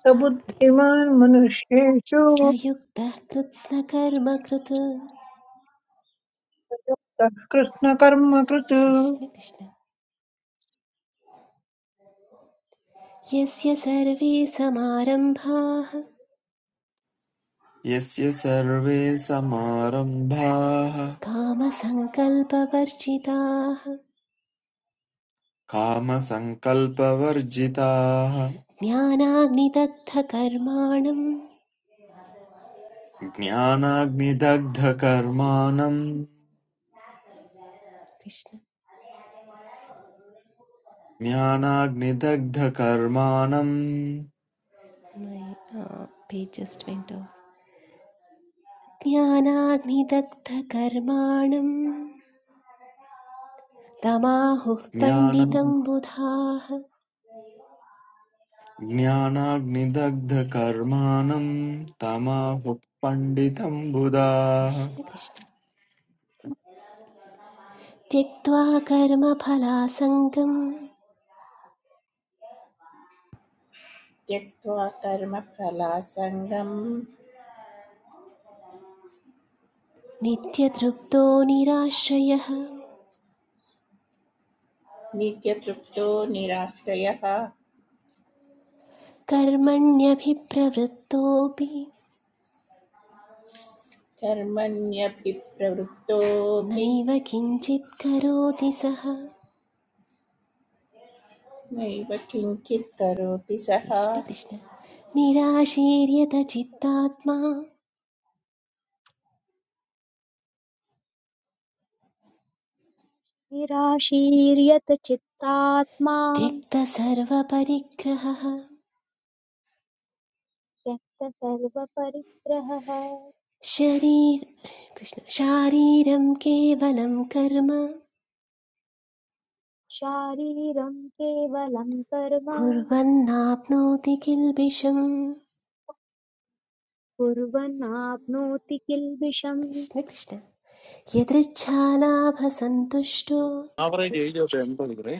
E: स बुद्धिमान् मनुष्येषु
D: स युक्तः कृत्स्नकर्म कृत्
E: सः कृष्णकर्म कृत्
D: कृष्ण कृष्ण यस्य सर्वे समारम्भाः
G: यस्य सर्वे समारम्भाः
D: कामसङ्कल्पवर्जिताः
G: कामसङ्कल्पवर्जिताः
D: ज्ञानाग्निदग्धकर्माणम्
G: ज्ञानाग्निदग्धकर्माणम्
D: कृष्ण
G: ज्ञानाग्निदग्धकर्माणम्
D: मै पेजस् वेण्ट् ज्ञानाग्निदग्धकर्माणं तमाहुः पण्डितं
G: ज्ञानम्
D: बुधाः
G: ज्ञानाग्निदग्धकर्माणम् तमाहुः पण्डितम् बुधाः
D: कृष्ण कृष्ण त्यक्त्वा कर्मफलासङ्गं
H: त्यक्त्वा कर्मफलासङ्गं
D: नित्यतृप्तो निराश्रयः
H: नित्यतृप्तो निराश्रयः
D: कर्मण्यभिप्रवृत्तोऽपि
H: कर्मण्यभिप्रवृत्तोऽपि
D: नैव किञ्चित् करोति सः
H: नैव किञ्चित् करोति सः
D: कृष्ण कृष्ण निराशीर्यत चित्तात्मा
A: निराशीर्यत चित्तात्मा
D: त्यक्तसर्वपरिग्रहः
A: त्यक्तसर्वपरिग्रहः
D: शरीर कृष्ण शारीरं केवलं कर्म
A: शारीरं केवलं कर्म
D: कुर्वन्नाप्नोति किल्बिषम्
A: कुर्वन्नाप्नोति किल्बिषम्
D: कृष्ण कृष्ण यदृच्छालाभसन्तुष्टो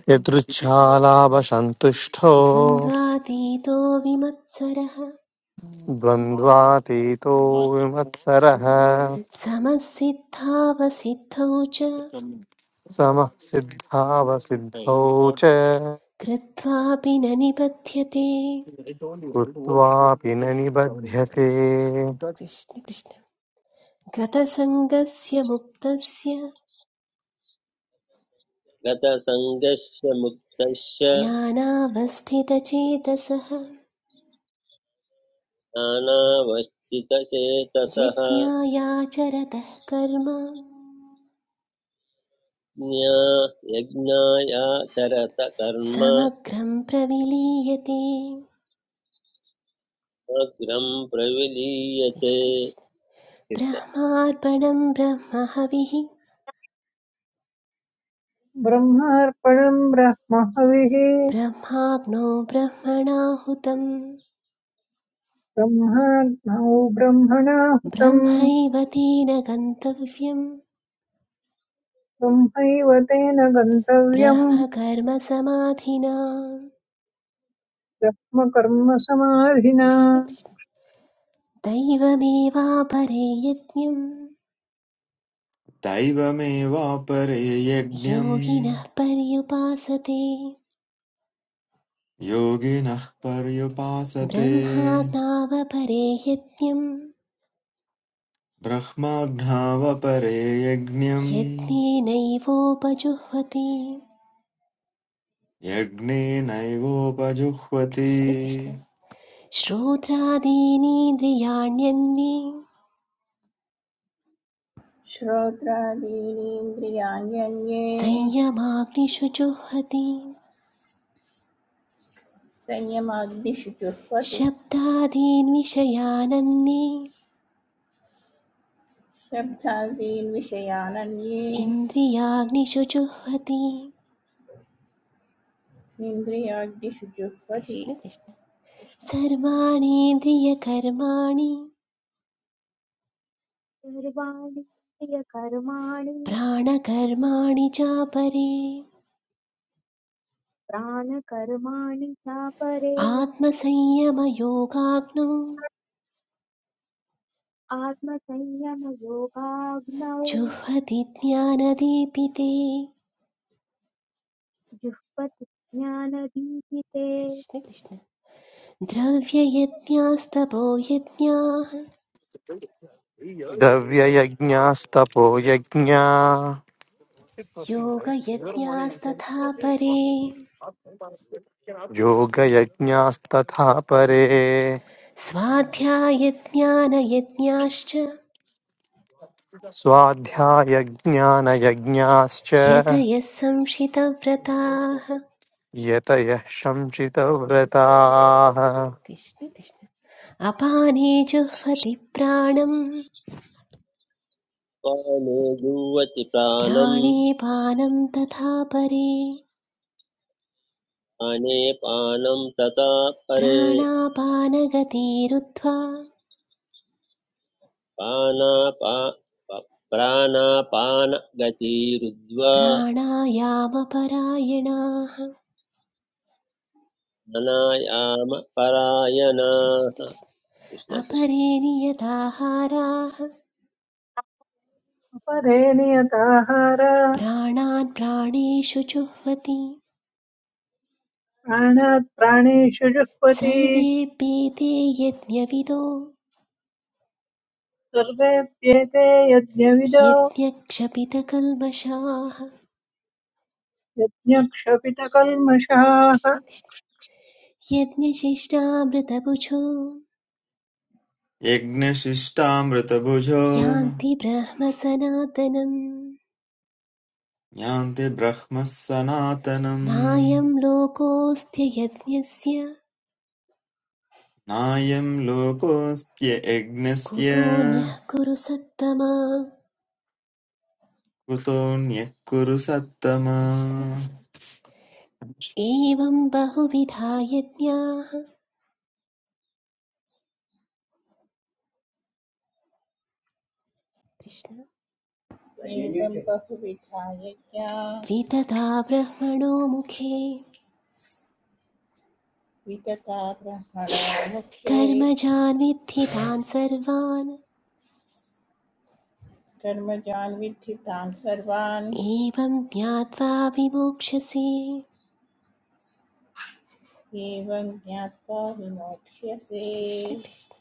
B: यदृच्छालाभसन्तुष्टो
D: द्वन्द्वातीतो विमत्सरः
B: द्वन्द्वातीतो विमत्सरः
D: समसिद्धावसिद्धौ च
B: समः सिद्धावसिद्धौ च
D: कृत्वापि न निबध्यते
B: कृत्वापि न निबध्यते
D: कृष्ण कृष्ण गतसङ्गस्य मुक्तस्य
C: गतसङ्गस्य मुक्तस्य
D: ज्ञानावस्थितचेतसः
C: नानावस्थितचेतसः
D: यज्ञायाचरतः कर्म
C: ज्ञा यज्ञायाचरत कर्म
D: समग्रं प्रविलीयते
C: अग्रम्
D: कृष्ण कृष्ण
C: प्रविलीयते
D: ब्रह्मार्पणं ब्रह्महविः
E: ब्रह्मार्पणम् ब्रह्म हविः
D: ब्रह्माग्नो ब्रह्मणाहुतं
E: ब्रह्माग्नौ ब्रह्मणाहुतम्
D: ब्रह्मैव तेन गन्तव्यं
E: ब्रह्मैव तेन गन्तव्यम्
D: ब्रह्मकर्मसमाधिना
E: ब्रह्मकर्म समाधिना
D: कृष्ण कृष्ण दैवमेवापरे यज्ञं
G: दैवमेवापरे यज्ञम्
D: योगिनः पर्युपासते
G: योगिनः पर्युपासते
D: ब्रह्माज्ञावपरे यज्ञम्
G: ब्रह्माज्ञावपरे यज्ञम्
D: यत्नेनैवोपजुह्वति
G: यज्ञेनैवोपजुह्वति
D: कृष्ण कृष्ण श्रोत्रादीनीन्द्रियाण्यन्ये
H: श्रोत्रादीनीन्द्रियाण्यन्ये
D: संयमाग्निषु जुह्वति
H: संयमाग्निषु
D: शब्दादीन् विषयानन्ये
H: शब्दादीन् विषयानन्ये
D: इन्द्रियाग्निषु जुह्वति
H: इन्द्रियाग्निषु जुह्वति
D: कृष्ण कृष्ण
H: कृष्ण कृष्ण
D: सर्वाणीन्द्रियकर्माणि
A: सर्वाणि प्रियकर्माणि
D: प्राणकर्माणि चापरे
A: प्राणकर्माणि चापरे
D: आत्मसंयमयोगाग्नौ
A: आत्मसंयमयोगाग्नौ
D: जुह्वति ज्ञानदीपिते
A: जुह्वति ज्ञानदीपिते
D: कृष्ण कृष्ण द्रव्ययज्ञास्तपो यज्ञाः
B: द्रव्ययज्ञास्तपो यज्ञा
D: योगयज्ञास्तथा परे
B: योगयज्ञास्तथा परे
D: स्वाध्यायज्ञानयज्ञाश्च
B: स्वाध्यायज्ञानयज्ञाश्च
D: यतयः संशितव्रताः
B: यतयः शंसितव्रताः
D: कृष्ण कृष्ण अपाने जुह्वति प्राणं
C: पाने जुवति प्राणम्
D: प्राणे पानं तथा परे
C: पाने पानं तथा परे
D: प्राणापानगतिरुत्वा
C: पानापा प- प्राणापानगतिरुद्वा
D: प्राणायामपरायणाः
C: अनायाम
D: कृष्ण
C: परायणाः
D: कृष्ण
C: कृष्ण कृष्ण
D: अपरे नियताहाराः
E: अपरे नियताहार
D: प्राणान् प्राणेषु जुह्वति
E: प्राणात् प्राणेषु जुह्वति
D: सर्वेऽप्येते यज्ञविदो
E: सर्वेऽप्येते यज्ञविदो
D: यज्ञक्षपितकल्मषाः
E: यज्ञक्षपितकल्मषाः
D: कृष्ण कृष्ण यज्ञशिष्टामृतभुजो
G: यज्ञशिष्टामृतभुजो
D: यान्ति ब्रह्म सनातनम्
G: यान्ति ब्रह्मः सनातनम्
D: नायं लोकोऽस्त्य यज्ञस्य
G: नायं लोकोऽस्त्य यज्ञस्य
D: कुतोऽन्यः कुरु सत्तमा
G: कृतोऽन्यः कुरु सत्तमा
D: कृष्ण कृष्ण एवं बहुविधा यज्ञाः कृष्ण
H: एवं बहुविधा यज्ञा
D: विदधा ब्रह्मणो मुखे
H: वितता ब्रह्मणा मुखे
D: कर्मजान् विद्धि तान् सर्वान्
H: कर्मजान् विद्धि तान् सर्वान्
D: एवं ज्ञात्वा विमोक्षसे
H: एवं ज्ञात्वा विमोक्ष्यसे
D: कृष्ण कृष्ण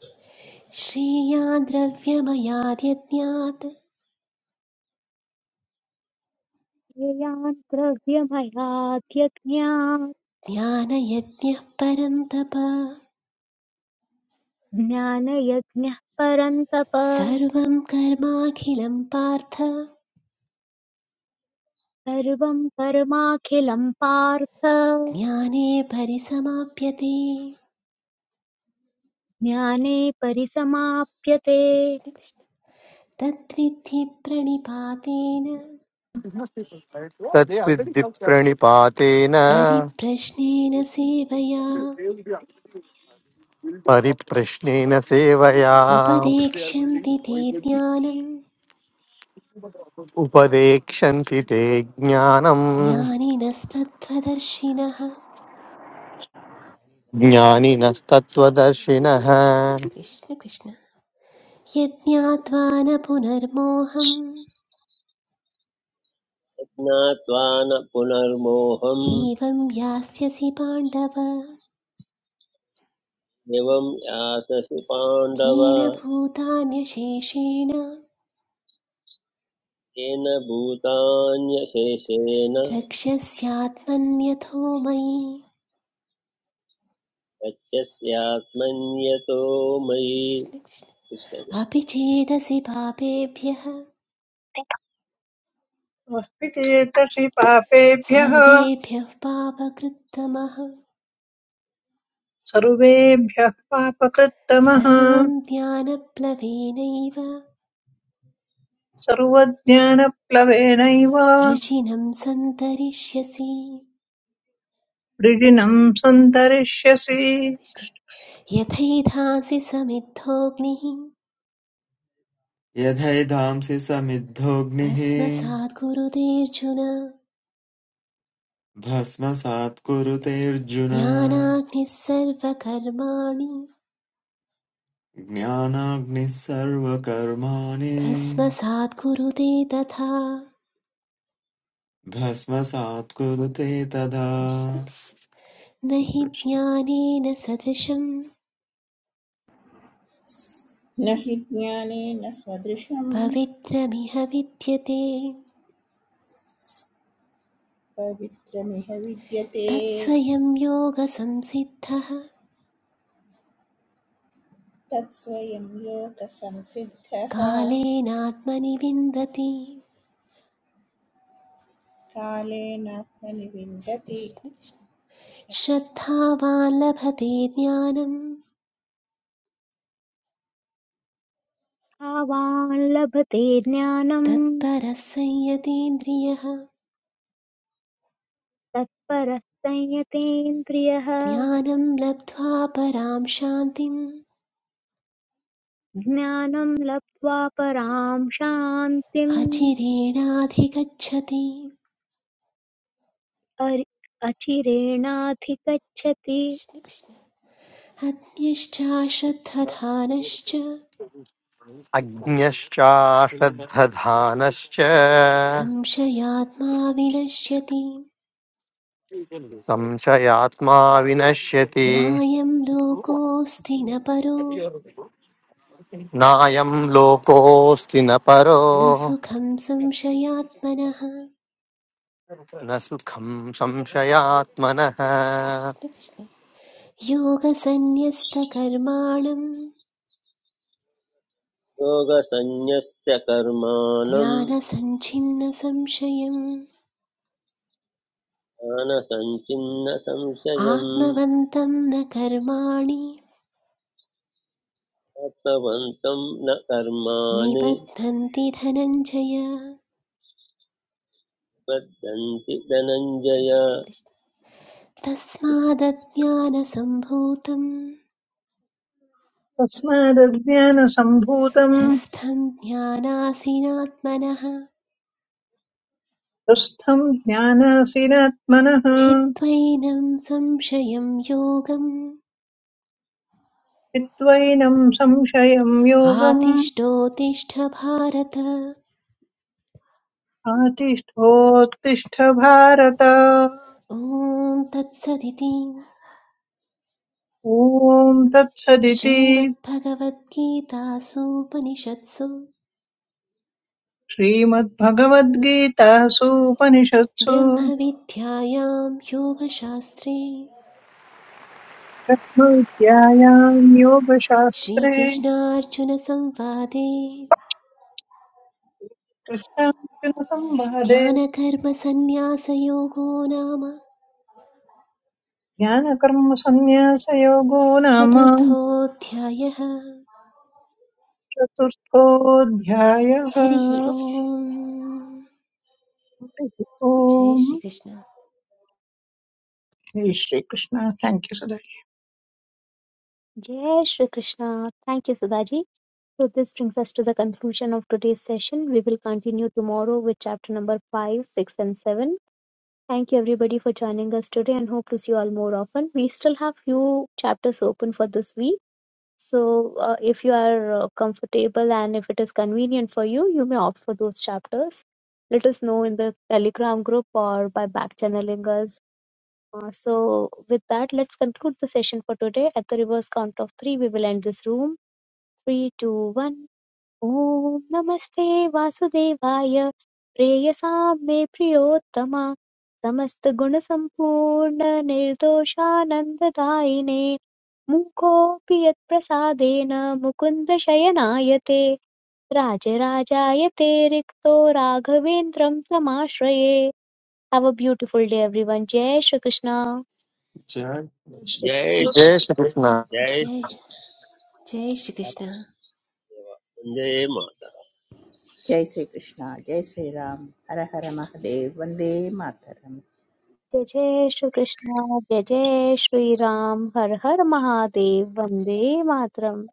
D: श्रेयान् द्रव्यमयाद्यज्ञात्
A: येयान् द्रव्यमयाद्यज्ञात्
D: ज्ञानयज्ञः परन्तप
A: ज्ञानयज्ञः परन्तप
D: सर्वं कर्माखिलं पार्थ
A: सर्वं कर्माखिलं पार्थ
D: ज्ञाने परिसमाप्यते
A: ज्ञाने परिसमाप्यते
D: कृष्ण कृष्ण तद्विद्धि प्रणिपातेन
B: तद्विद्धि प्रणिपातेन
D: परिप्रश्नेन सेवया
B: परिप्रश्नेन सेवया
D: उपदेक्ष्यन्ति ते ज्ञानं
B: उपदेक्षन्ति ते ज्ञानम्
D: ज्ञानिनस्तत्त्वदर्शिनः
B: ज्ञानिनस्तत्त्वदर्शिनः
D: कृष्ण कृष्ण यज्ञात्वा न पुनर्मोहम्
C: ज्ञात्वा न पुनर्मोहम्
D: एवं यास्यसि पाण्डव
C: एवं यातसि पाण्डव
D: येन भूतान्यशेषेण
C: येन भूतान्यशेषेण
D: द्रक्ष्यस्यात्मन्यथो मयि
C: तच्चस्यात्मन्यतो मयि
D: कृष्ण कृष्ण
C: कृष्ण कृष्ण
D: अपि चेदसि पापेभ्यः
E: त्वपितेतसि पापेभ्यः
D: सर्वेभ्यः पापकृत्तमः
E: सर्वेभ्यः पापकृत्तमः
D: सर्वं ज्ञानप्लवेनैव
E: सर्वज्ञानप्लवेनैव
D: वृजिनं सन्तरिष्यसि
E: वृजिनम् सन्तरिष्यसि
D: कृष्ण कृष्ण यथैधासि समिद्धोऽग्निः
G: यथैधांसि समिद्धोऽग्निः
D: भस्मसात् गुरुतेऽर्जुन
G: भस्मसात् कुरुतेऽर्जुन
D: ज्ञानाग्निः सर्वकर्माणि
G: ज्ञानाग्निः सर्वकर्माणि
D: भस्मसात् कुरुते तथा
G: भस्मसात् कुरुते तदा
D: कृष्ण कृष्ण न हि ज्ञानेन सदृशं
H: न हि ज्ञानेन सदृशं
D: पवित्रमिह विद्यते
H: पवित्रमिह विद्यते
D: तत्स्वयं योगसंसिद्धः
H: तत्स्वयं योगसंसिद्धः
D: कालेनात्मनि विन्दति
H: कालेन प्रनिविन्दति
D: कृष्ण कृष्ण
H: कृष्ण कृष्ण।
D: श्रद्धावान् लभते ज्ञानम्
A: भावान् लभते ज्ञानं
D: तत्परः संयतीन्द्रियः
A: तत्परः संयतेन्द्रियः
D: ज्ञानं लब्ध्वा परां शान्तिम्
A: ज्ञानं लब्ध्वा परां शान्तिम्
D: अचिरेणाधिगच्छति
A: अरि- अचिरेणाधिगच्छति
D: कृष्ण कृष्ण अज्ञश्चाश्रद्धधानश्च
B: अज्ञश्चाश्रद्धधानश्च
D: संशयात्मा विनश्यति
B: संशयात्मा विनश्यति
D: नायं लोकोऽस्ति न परो
B: नायं लोकोऽस्ति न परो
D: न सुखं संशयात्मनः
B: न सुखं संशयात्मनः
D: कृष्ण कृष्ण योगसन्न्यस्तकर्माणं
C: योगसञ्ज्ञस्य कर्माणम्
D: ज्ञानसञ्छिन्नसंशयम्
C: ज्ञानसञ्चिन्न संशयम्
D: आत्मवन्तं न कर्माणि
C: आत्मवन्तं न कर्माणि
D: निबध्नन्ति धनञ्जय
C: बद्धन्ति धनञ्जय
D: कृष्ण कृष्ण तस्मादज्ञानसम्भूतं
E: तस्मादज्ञानसम्भूतम्
D: हृस्थं ज्ञानासीनात्मनः
E: दुःस्थम् ज्ञानासीनात्मनः
D: छित्त्वैनं संशयं योगम्
E: चिद्वैनम् संशयम् योगम्
D: आतिष्ठोतिष्ठ भारत
E: आतिष्ठोत्तिष्ठ भारत
D: ॐ तत्सदिति
E: ॐ तत्सदिति
D: श्रीमद्भगवद्गीतासूपनिषत्सु
E: श्रीमद्भगवद्गीतासूपनिषत्सु
D: ब्रह्मविद्यायां योगशास्त्रे
E: ब्रह्मविद्यायाम् योगशास्त्रे
D: श्रीकृष्णार्जुनसंवादे
E: कृष्णार्जुनसंवादे
D: ज्ञानकर्मसन्न्यासयोगो नाम
E: ज्ञानकर्मसन्न्यासयोगो नाम
D: चतुर्थोऽध्यायः
E: चतुर्थोऽध्यायः
D: हरिः
E: हरिः
D: ओम् जय
E: ओम्
D: श्रीकृष्ण
E: जय श्रीकृष्ण थैंक यू सदा
A: जय श्री कृष्णा थैंक यू सुधाजी So this brings us to the conclusion of today's session. We will continue tomorrow with chapter number 5, 6 and 7. Thank you everybody for joining us today and hope to see you all more often. We still have few chapters open for this week. So uh, if you are uh, comfortable and if it is convenient for you, you may opt for those chapters. Let us know in the Telegram group or by back channeling us. Uh, so with that, let's conclude the session for today. At the reverse count of three, we will end this room. Three, two, one. ॐ नमस्ते वासुदेवाय प्रेयसां मे प्रियोत्तम समस्तगुणसम्पूर्ण निर्दोषानन्ददायिने मूकोऽपि यत्प्रसादेन मुकुन्द शयनायते राजराजायते रिक्तो राघवेन्द्रं समाश्रये have a beautiful day everyone जय श्रीकृष्ण
G: जय
E: जय श्रीकृष्ण
C: जय श्री
B: जय श्रीकृष्ण
C: जय
D: जय जय श्रीकृष्ण
C: श्रीराम, वन्दे माता
H: जय श्रीकृष्ण जय श्रीराम हर हर महदेव वन्दे मातरम्
A: जय जय श्रीकृष्ण जय जय श्रीराम हर हर महादेव वन्दे मातरम्